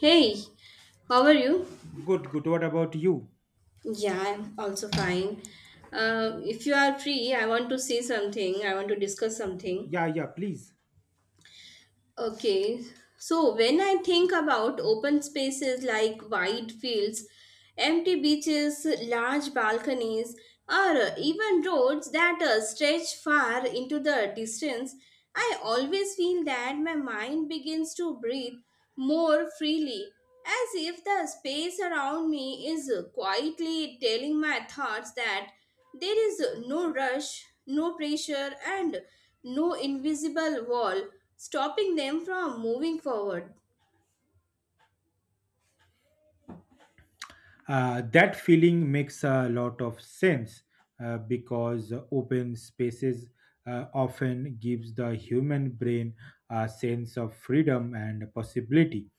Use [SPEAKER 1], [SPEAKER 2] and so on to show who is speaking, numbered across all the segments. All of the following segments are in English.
[SPEAKER 1] Hey, how are you?
[SPEAKER 2] Good, good. What about you?
[SPEAKER 1] Yeah, I'm also fine. If you are free, I want to see something. I want to discuss something.
[SPEAKER 2] Yeah, yeah, please.
[SPEAKER 1] Okay, so when I think about open spaces like wide fields, empty beaches, large balconies, or even roads that stretch far into the distance, I always feel that my mind begins to breathe more freely, as if the space around me is quietly telling my thoughts that there is no rush, no pressure, and no invisible wall stopping them from moving forward.
[SPEAKER 2] That feeling makes a lot of sense because open spaces often gives the human brain a sense of freedom and possibility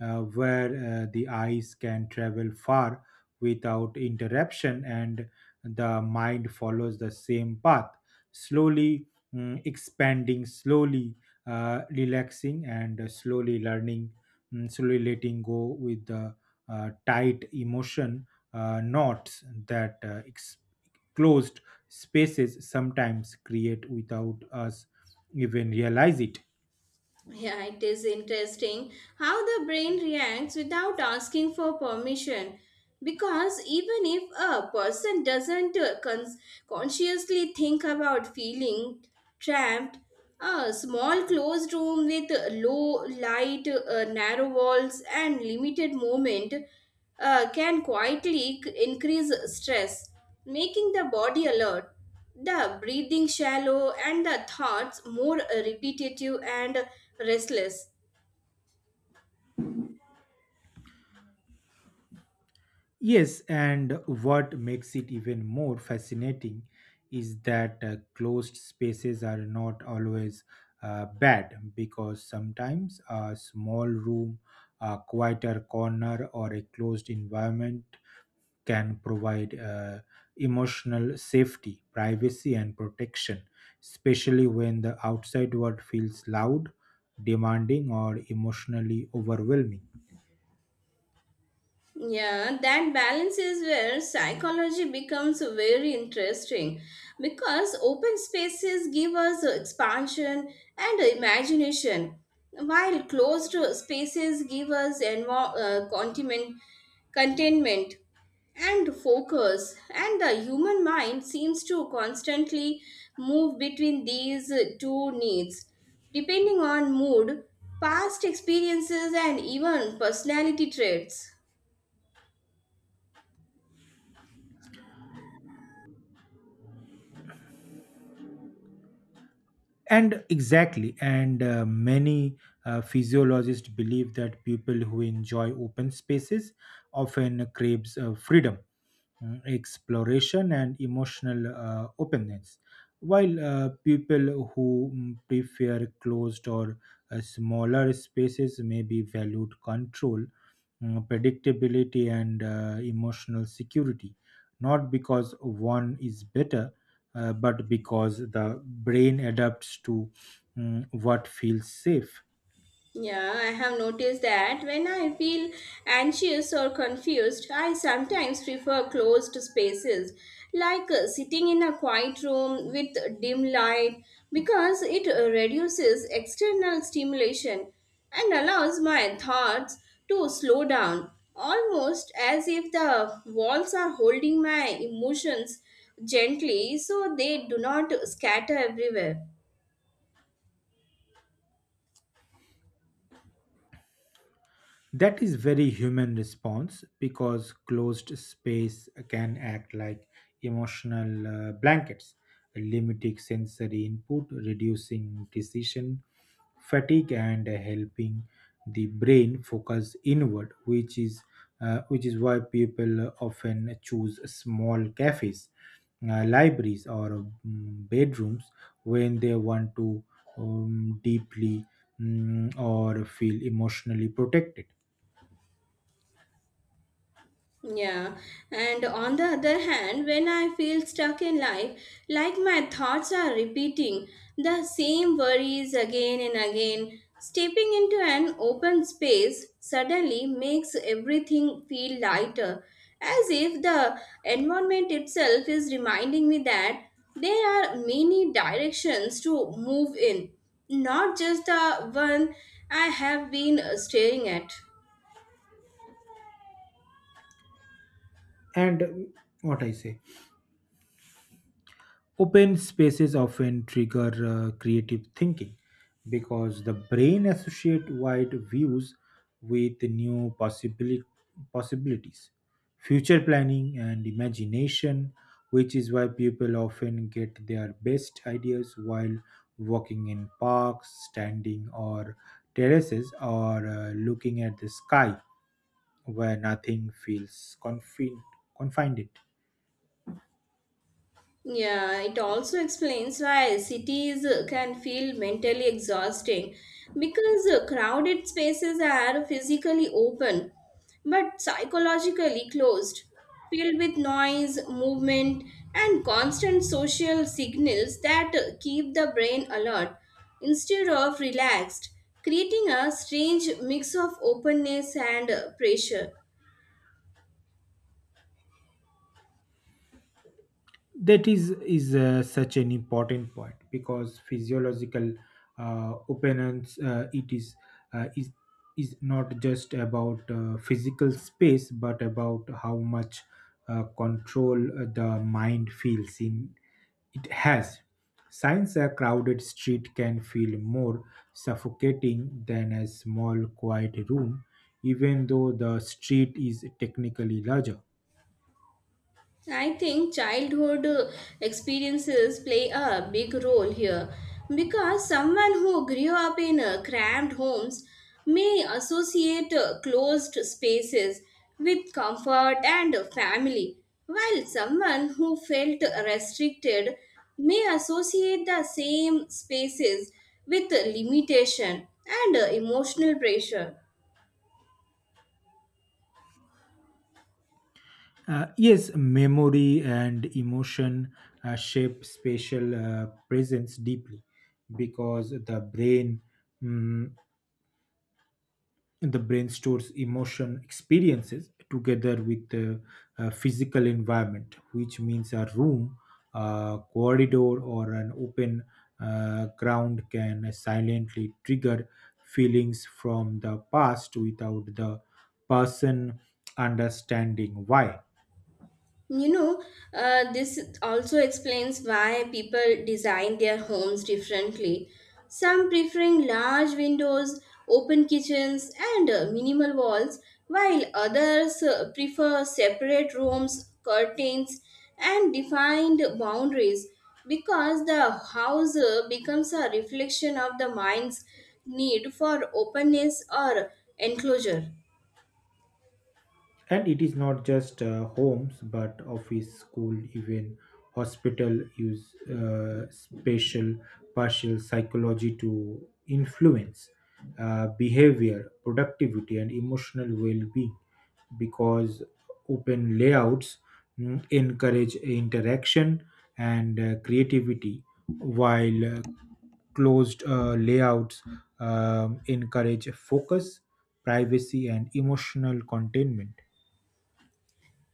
[SPEAKER 2] where the eyes can travel far without interruption and the mind follows the same path slowly expanding slowly relaxing and slowly learning slowly letting go with the tight emotion knots that closed spaces sometimes create without us even realize it.
[SPEAKER 1] Yeah, it is interesting how the brain reacts without asking for permission. Because even if a person doesn't consciously think about feeling trapped, a small closed room with low light, narrow walls, and limited movement can quietly increase stress, making the body alert, the breathing shallow, and the thoughts more repetitive and restless.
[SPEAKER 2] Yes, and what makes it even more fascinating is that closed spaces are not always bad because sometimes a small room, a quieter corner, or a closed environment can provide emotional safety, privacy, and protection, especially when the outside world feels loud, demanding, or emotionally overwhelming.
[SPEAKER 1] Yeah, that balance is where psychology becomes very interesting because open spaces give us expansion and imagination, while closed spaces give us contentment, containment and focus. And the human mind seems to constantly move between these two needs, depending on mood, past experiences, and even personality traits.
[SPEAKER 2] And exactly, and many physiologists believe that people who enjoy open spaces often craves freedom exploration and emotional openness while people who prefer closed or smaller spaces may be valued control predictability and emotional security not because one is better but because the brain adapts to what feels safe.
[SPEAKER 1] Yeah, I have noticed that when I feel anxious or confused, I sometimes prefer closed spaces, like sitting in a quiet room with dim light, because it reduces external stimulation and allows my thoughts to slow down, almost as if the walls are holding my emotions gently so they do not scatter everywhere.
[SPEAKER 2] That is very human response because closed space can act like emotional blankets, limiting sensory input, reducing decision fatigue, and helping the brain focus inward, which is why people often choose small cafes, libraries, or bedrooms when they want to deeply or feel emotionally protected.
[SPEAKER 1] Yeah, and on the other hand, when I feel stuck in life, like my thoughts are repeating the same worries again and again, stepping into an open space suddenly makes everything feel lighter, as if the environment itself is reminding me that there are many directions to move in, not just the one I have been staring at.
[SPEAKER 2] And what I say, open spaces often trigger creative thinking because the brain associate wide views with possibilities, future planning and imagination, which is why people often get their best ideas while walking in parks, standing or terraces, or looking at the sky where nothing feels confin- confined.
[SPEAKER 1] Yeah, it also explains why cities can feel mentally exhausting because crowded spaces are physically open but psychologically closed, filled with noise, movement, and constant social signals that keep the brain alert instead of relaxed, creating a strange mix of openness and pressure.
[SPEAKER 2] That is such an important point because physiological opinions it uh, is is not just about physical space but about how much control the mind feels in it has since a crowded street can feel more suffocating than a small quiet room even though the street is technically larger.
[SPEAKER 1] I think childhood experiences play a big role here because someone who grew up in cramped homes may associate closed spaces with comfort and family, while someone who felt restricted may associate the same spaces with limitation and emotional pressure.
[SPEAKER 2] Yes, memory and emotion shape spatial presence deeply because mm, the brain stores emotion experiences together with the physical environment, which means a room, a corridor, or an open ground can silently trigger feelings from the past without the person understanding why.
[SPEAKER 1] You know, this also explains why people design their homes differently. Some preferring large windows, open kitchens, and minimal walls, while others prefer separate rooms, curtains, and defined boundaries because the house becomes a reflection of the mind's need for openness or enclosure.
[SPEAKER 2] And it is not just homes but office school even hospital use spatial partial psychology to influence behavior productivity and emotional well-being because open layouts encourage interaction and creativity while closed layouts encourage focus privacy and emotional containment.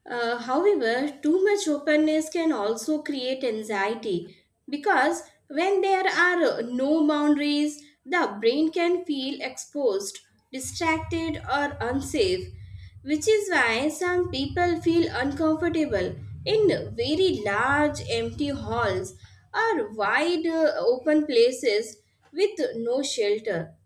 [SPEAKER 1] However, too much openness can also create anxiety because when there are no boundaries, the brain can feel exposed, distracted, or unsafe, which is why some people feel uncomfortable in very large empty halls or wide open places with no shelter.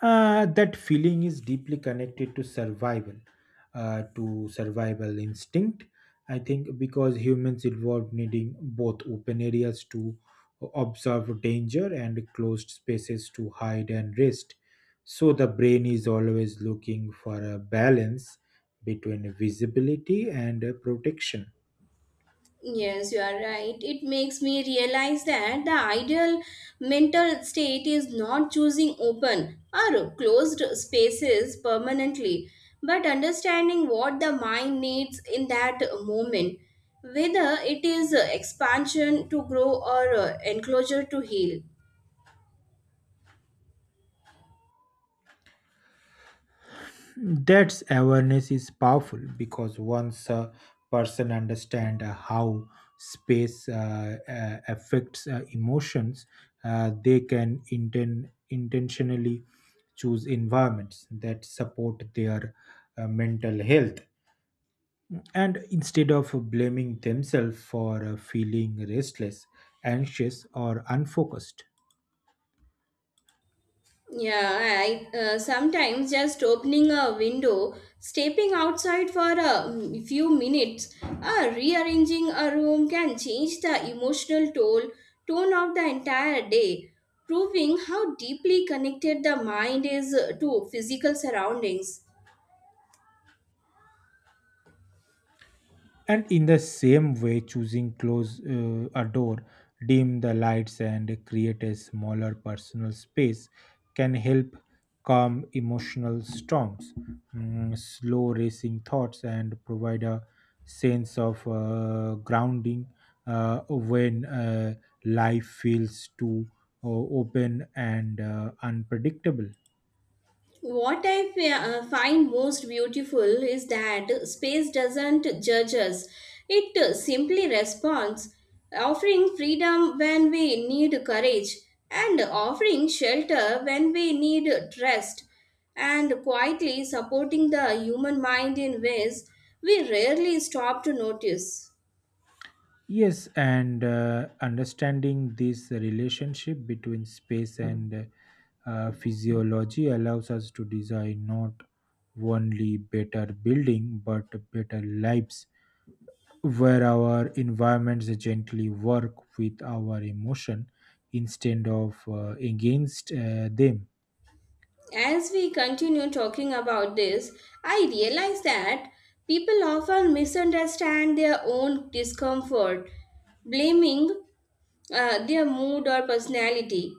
[SPEAKER 2] That feeling is deeply connected to survival instinct. I think because humans evolved needing both open areas to observe danger and closed spaces to hide and rest. So the brain is always looking for a balance between visibility and protection.
[SPEAKER 1] Yes, you are right. It makes me realize that the ideal mental state is not choosing open or closed spaces permanently, but understanding what the mind needs in that moment, whether it is expansion to grow or enclosure to heal.
[SPEAKER 2] That awareness is powerful because once a person understands how space affects emotions, they can intentionally choose environments that support their mental health. And instead of blaming themselves for feeling restless, anxious, or unfocused,
[SPEAKER 1] Yeah, I sometimes just opening a window, stepping outside for a few minutes, rearranging a room can change the emotional toll tone of the entire day, proving how deeply connected the mind is to physical surroundings.
[SPEAKER 2] and in the same way, choosing close a door, dim the lights, and create a smaller personal space can help calm emotional storms, slow racing thoughts, and provide a sense of grounding when life feels too open and unpredictable.
[SPEAKER 1] What I find most beautiful is that space doesn't judge us, it simply responds, offering freedom when we need courage, and offering shelter when we need trust, and quietly supporting the human mind in ways we rarely stop to notice.
[SPEAKER 2] Yes, and understanding this relationship between space and physiology allows us to design not only better building but better lives where our environments gently work with our emotion instead of against them.
[SPEAKER 1] As we continue talking about this, I realize that people often misunderstand their own discomfort, blaming their mood or personality,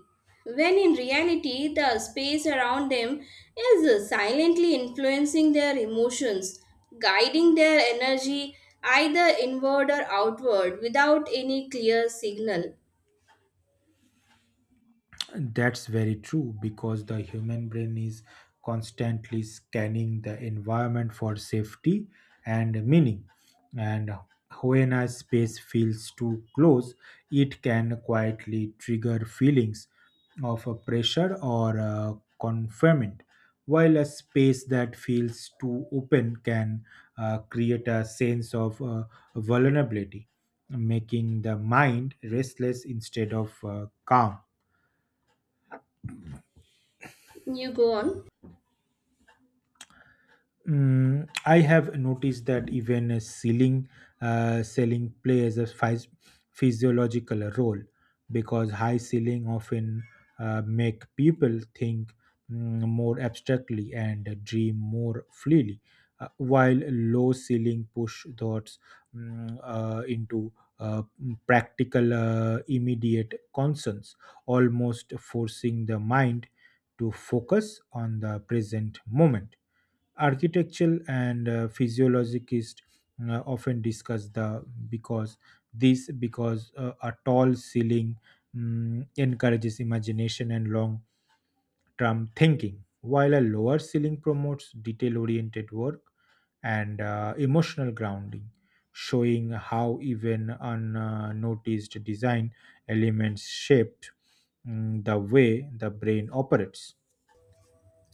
[SPEAKER 1] when in reality, the space around them is silently influencing their emotions, guiding their energy either inward or outward without any clear signal.
[SPEAKER 2] That's very true because the human brain is constantly scanning the environment for safety and meaning. And when a space feels too close, it can quietly trigger feelings of a pressure or a confinement, while a space that feels too open can create a sense of vulnerability, making the mind restless instead of calm.
[SPEAKER 1] You go on.
[SPEAKER 2] I have noticed that even a ceiling selling plays a physiological role because high ceiling often make people think more abstractly and dream more freely, while low ceiling push thoughts into uh, practical, immediate concerns, almost forcing the mind to focus on the present moment. Architectural and physiologists often discuss the because this because a tall ceiling encourages imagination and long term thinking while a lower ceiling promotes detail oriented work and emotional grounding, showing how even unnoticed design elements shaped the way the brain operates.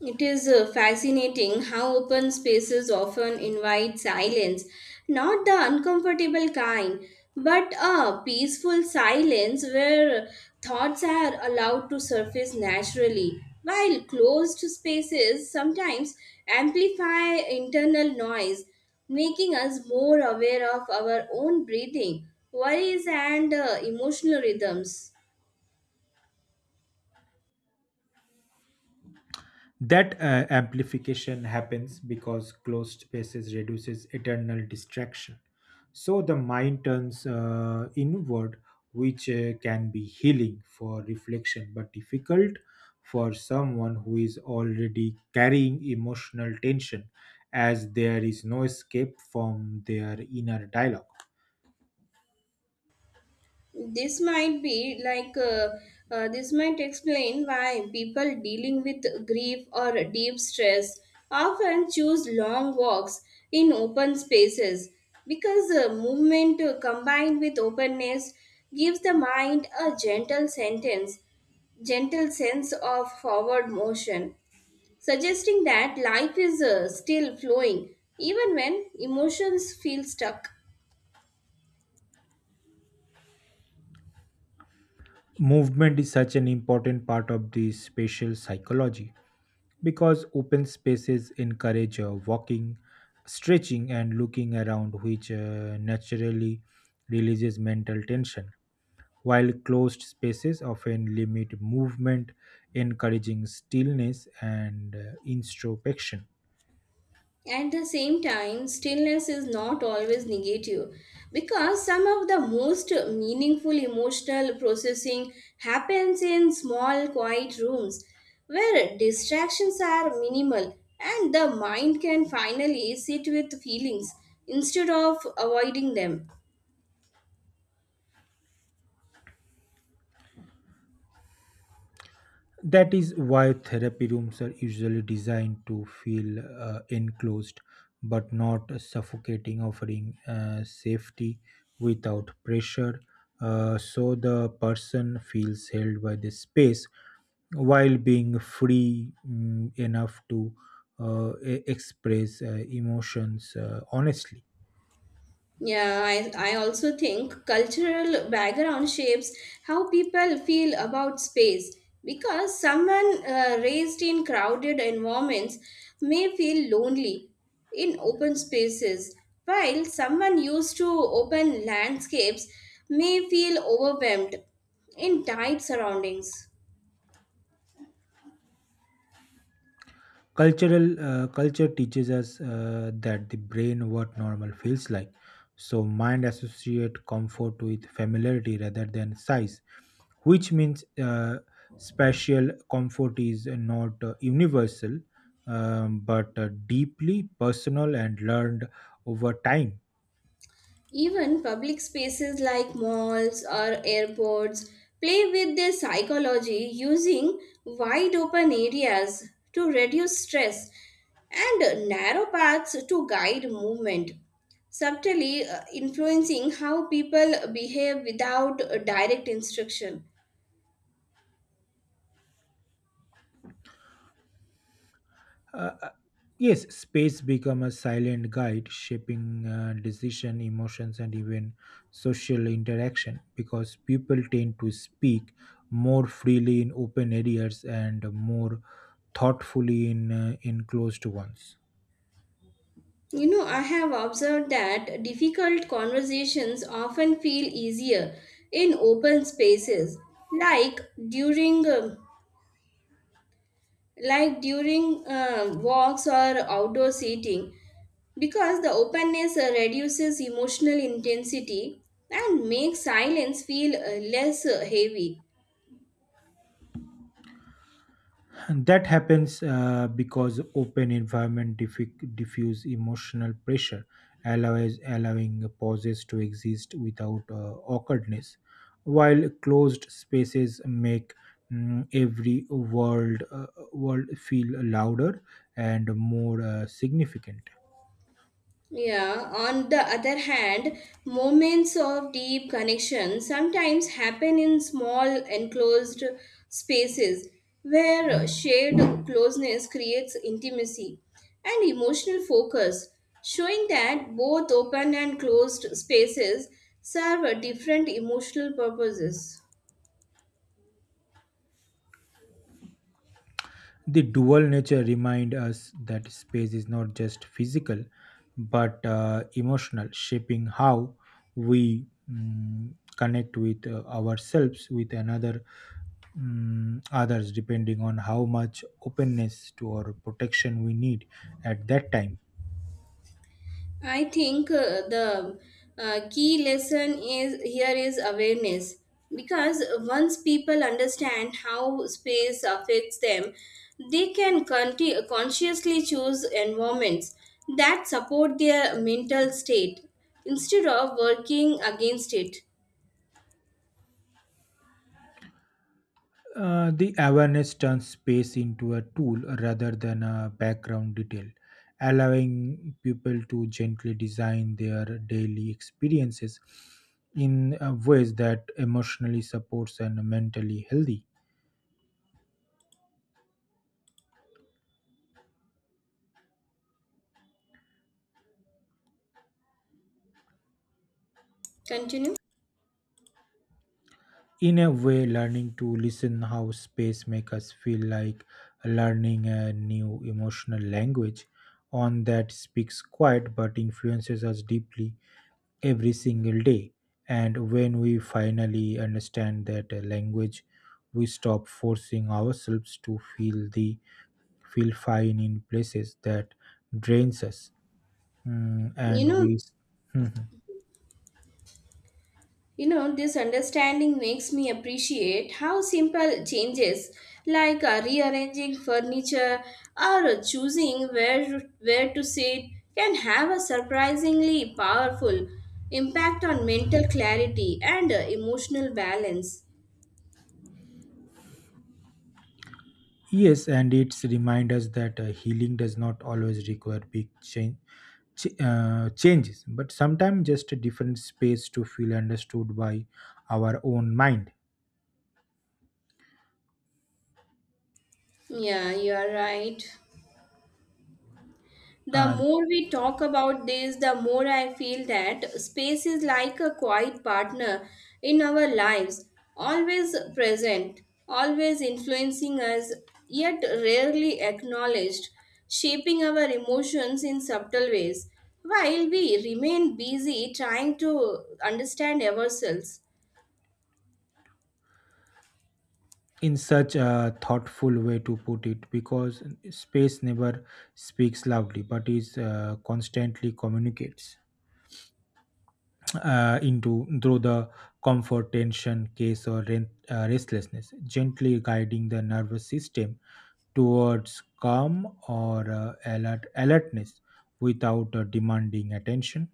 [SPEAKER 1] It is fascinating how open spaces often invite silence, not the uncomfortable kind, but a peaceful silence where thoughts are allowed to surface naturally, while closed spaces sometimes amplify internal noise, making us more aware of our own breathing, worries, and emotional rhythms.
[SPEAKER 2] That amplification happens because closed spaces reduces eternal distraction so the mind turns inward which can be healing for reflection but difficult for someone who is already carrying emotional tension as there is no escape from their inner dialogue.
[SPEAKER 1] This might be like uh, this might explain why people dealing with grief or deep stress often choose long walks in open spaces because movement combined with openness gives the mind a gentle sense of forward motion, suggesting that life is still flowing even when emotions feel stuck.
[SPEAKER 2] Movement is such an important part of the spatial psychology because open spaces encourage walking, stretching, and looking around, which naturally releases mental tension, while closed spaces often limit movement, encouraging stillness and introspection.
[SPEAKER 1] At the same time, stillness is not always negative because some of the most meaningful emotional processing happens in small, quiet rooms where distractions are minimal and the mind can finally sit with feelings instead of avoiding them.
[SPEAKER 2] That is why therapy rooms are usually designed to feel enclosed but not suffocating, offering safety without pressure. So the person feels held by the space while being free enough to express emotions honestly.
[SPEAKER 1] Yeah, I also think cultural background shapes how people feel about space because someone raised in crowded environments may feel lonely in open spaces, while someone used to open landscapes may feel overwhelmed in tight surroundings.
[SPEAKER 2] Cultural culture teaches us that the brain what normal feels like so mind associate comfort with familiarity rather than size which means spatial comfort is not universal, but deeply personal and learned over time.
[SPEAKER 1] Even public spaces like malls or airports play with their psychology using wide open areas to reduce stress and narrow paths to guide movement, subtly influencing how people behave without direct instruction.
[SPEAKER 2] Uh, uh, yes, space become a silent guide, shaping decision, emotions, and even social interaction because people tend to speak more freely in open areas and more thoughtfully in enclosed ones.
[SPEAKER 1] You know, I have observed that difficult conversations often feel easier in open spaces, like during um, during walks or outdoor seating because the openness reduces emotional intensity and makes silence feel less heavy.
[SPEAKER 2] That happens because open environment diffuse emotional pressure allows allowing pauses to exist without awkwardness while closed spaces make mm, every world feel louder and more significant.
[SPEAKER 1] Yeah, on the other hand, moments of deep connection sometimes happen in small enclosed spaces where shared closeness creates intimacy and emotional focus, showing that both open and closed spaces serve different emotional purposes.
[SPEAKER 2] The dual nature remind us that space is not just physical but emotional shaping how we connect with ourselves with another others depending on how much openness to or protection we need at that time.
[SPEAKER 1] I think the key lesson is here is awareness because once people understand how space affects them, they can consciously choose environments that support their mental state instead of working against it.
[SPEAKER 2] The awareness turns space into a tool rather than a background detail, allowing people to gently design their daily experiences in ways that emotionally supports and mentally healthy.
[SPEAKER 1] Continue.
[SPEAKER 2] In a way, learning to listen how space makes us feel like learning a new emotional language on that speaks quiet but influences us deeply every single day. And when we finally understand that language, we stop forcing ourselves to feel fine in places that drains us. Mm,
[SPEAKER 1] You
[SPEAKER 2] and
[SPEAKER 1] know,
[SPEAKER 2] we s- Mhm.
[SPEAKER 1] You know, this understanding makes me appreciate how simple changes like rearranging furniture or choosing where to sit can have a surprisingly powerful impact on mental clarity and emotional balance.
[SPEAKER 2] Yes, and it's remind us that healing does not always require big changes, but sometimes just a different space to feel understood by our own mind.
[SPEAKER 1] Yeah, you are right. The
[SPEAKER 2] Uh,
[SPEAKER 1] more we talk about this, the more I feel that space is like a quiet partner in our lives, always present, always influencing us, yet rarely acknowledged, shaping our emotions in subtle ways, while we remain busy trying to understand ourselves.
[SPEAKER 2] in such a thoughtful way to put it because space never speaks loudly but is constantly communicates into through the comfort tension case or rent, restlessness gently guiding the nervous system towards calm or alertness without demanding attention.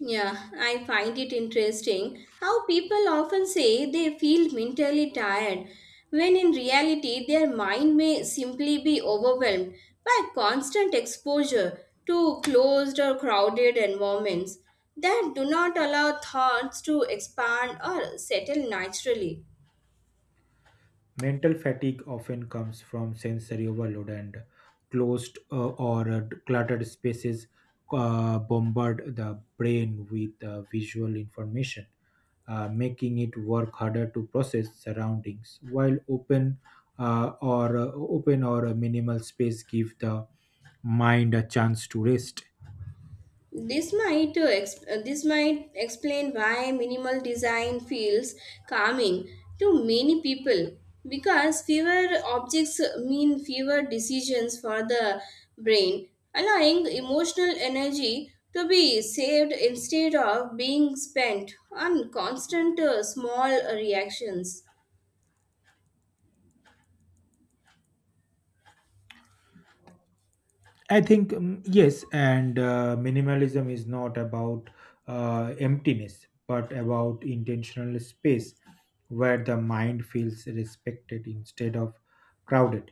[SPEAKER 1] Yeah, I find it interesting how people often say they feel mentally tired when in reality their mind may simply be overwhelmed by constant exposure to closed or crowded environments that do not allow thoughts to expand or settle naturally.
[SPEAKER 2] Mental fatigue often comes from sensory overload and closed or cluttered spaces bombard the brain with visual information, making it work harder to process surroundings. While open or a minimal space give the mind a chance to rest.
[SPEAKER 1] This might explain why minimal design feels calming to many people because fewer objects mean fewer decisions for the brain, allowing emotional energy to be saved instead of being spent on constant small reactions.
[SPEAKER 2] I think yes, and minimalism is not about emptiness, but about intentional space where the mind feels respected instead of crowded,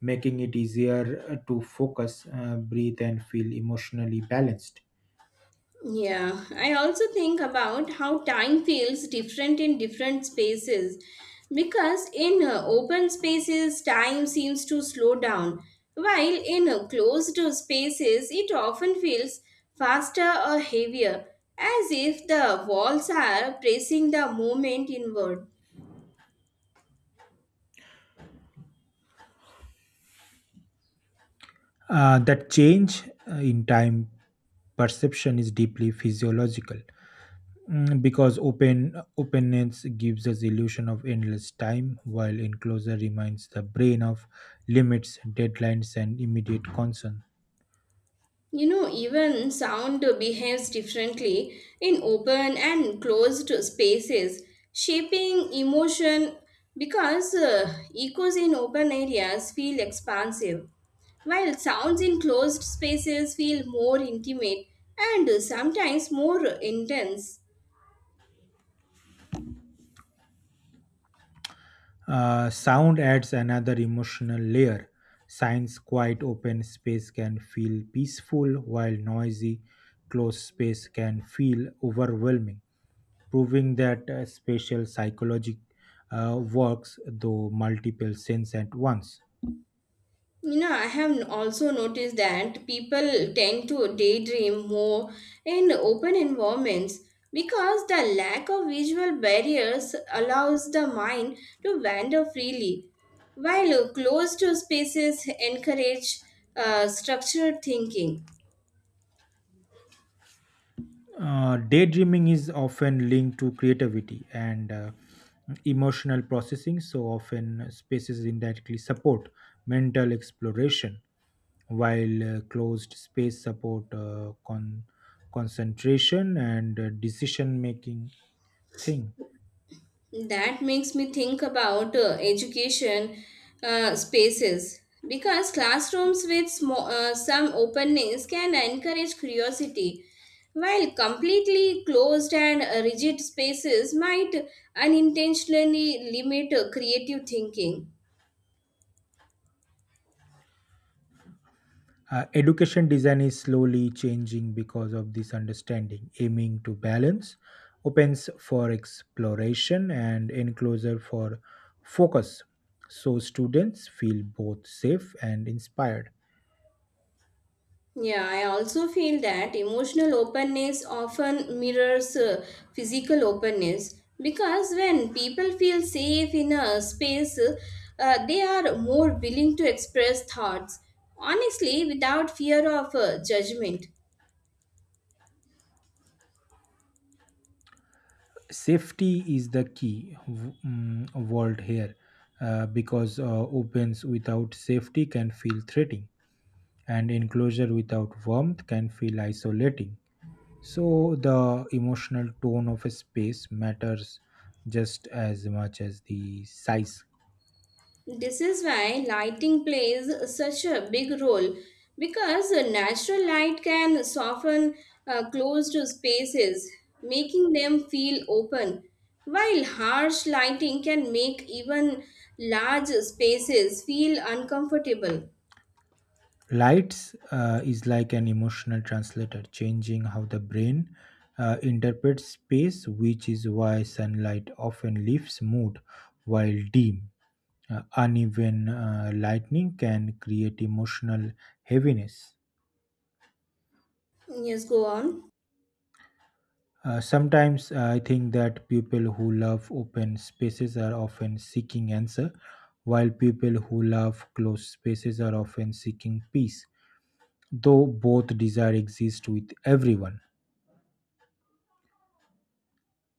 [SPEAKER 2] making it easier to focus, breathe, and feel emotionally balanced.
[SPEAKER 1] Yeah, I also think about how time feels different in different spaces because in open spaces, time seems to slow down, while in closed spaces, it often feels faster or heavier, as if the walls are pressing the moment inward.
[SPEAKER 2] That change in time perception is deeply physiological. Because open openness gives us illusion of endless time while enclosure reminds the brain of limits deadlines and immediate concern.
[SPEAKER 1] You know, even sound behaves differently in open and closed spaces, shaping emotion because echoes in open areas feel expansive, while sounds in closed spaces feel more intimate and sometimes more intense.
[SPEAKER 2] Sound adds another emotional layer science quiet open space can feel peaceful while noisy closed space can feel overwhelming proving that spatial psychology works though multiple sense at once.
[SPEAKER 1] You know, I have also noticed that people tend to daydream more in open environments because the lack of visual barriers allows the mind to wander freely, while closed to spaces encourage structured thinking.
[SPEAKER 2] Daydreaming is often linked to creativity and emotional processing, so often spaces indirectly support mental exploration, while closed space support concentration and decision making thing.
[SPEAKER 1] That makes me think about education spaces because classrooms with some openness can encourage curiosity, while completely closed and rigid spaces might unintentionally limit creative thinking.
[SPEAKER 2] Education design is slowly changing because of this understanding, aiming to balance opens for exploration and enclosure for focus. So students feel both safe and inspired.
[SPEAKER 1] Yeah, I also feel that emotional openness often mirrors physical openness because when people feel safe in a space, they are more willing to express thoughts honestly without fear of judgment.
[SPEAKER 2] Safety is the key word here because opens without safety can feel threatening, and enclosure without warmth can feel isolating. So the emotional tone of a space matters just as much as the size.
[SPEAKER 1] This is why lighting plays such a big role because natural light can soften closed spaces, making them feel open, while harsh lighting can make even large spaces feel uncomfortable.
[SPEAKER 2] Lights is like an emotional translator, changing how the brain interprets space, which is why sunlight often lifts mood while dim. Uneven lightning can create emotional heaviness.
[SPEAKER 1] Yes, go on.
[SPEAKER 2] Sometimes I think that people who love open spaces are often seeking answer, while people who love closed spaces are often seeking peace, though both desire exist with everyone.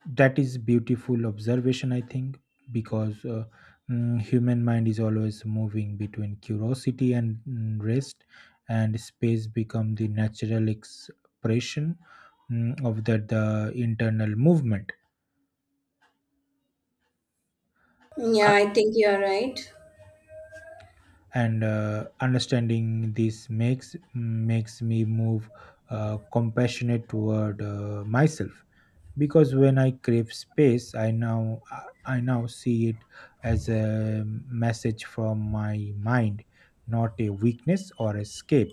[SPEAKER 2] That is beautiful observation, I think, because human mind is always moving between curiosity and rest, and space become the natural expression of that the internal movement.
[SPEAKER 1] Yeah, I think you are right.
[SPEAKER 2] And understanding this makes me move compassionate toward myself because when I crave space I now see it as a message from my mind not a weakness or escape.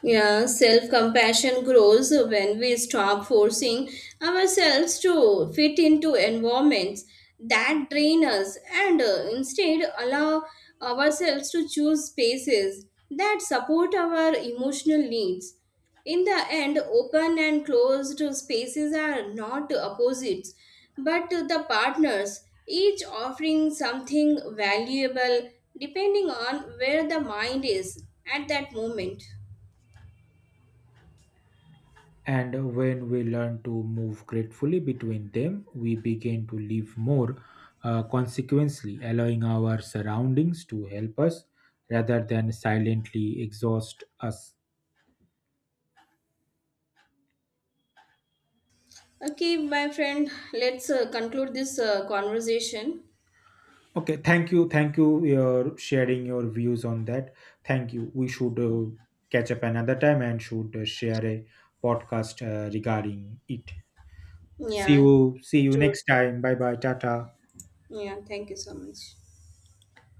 [SPEAKER 1] Yeah, self compassion grows when we stop forcing ourselves to fit into environments that drain us and instead allow ourselves to choose spaces that support our emotional needs. In the end, open and closed spaces are not opposites but the partners, each offering something valuable depending on where the mind is at that moment.
[SPEAKER 2] And when we learn to move gratefully between them, we begin to live more consequently, allowing our surroundings to help us rather than silently exhaust us.
[SPEAKER 1] Okay, my friend, let's conclude this conversation.
[SPEAKER 2] Okay, thank you. Thank you for sharing your views on that. Thank you. We should catch up another time and should share a podcast regarding it. See
[SPEAKER 1] Yeah,
[SPEAKER 2] you. See
[SPEAKER 1] you
[SPEAKER 2] you
[SPEAKER 1] too.
[SPEAKER 2] next time. Bye bye. Tata.
[SPEAKER 1] Yeah, thank you so much.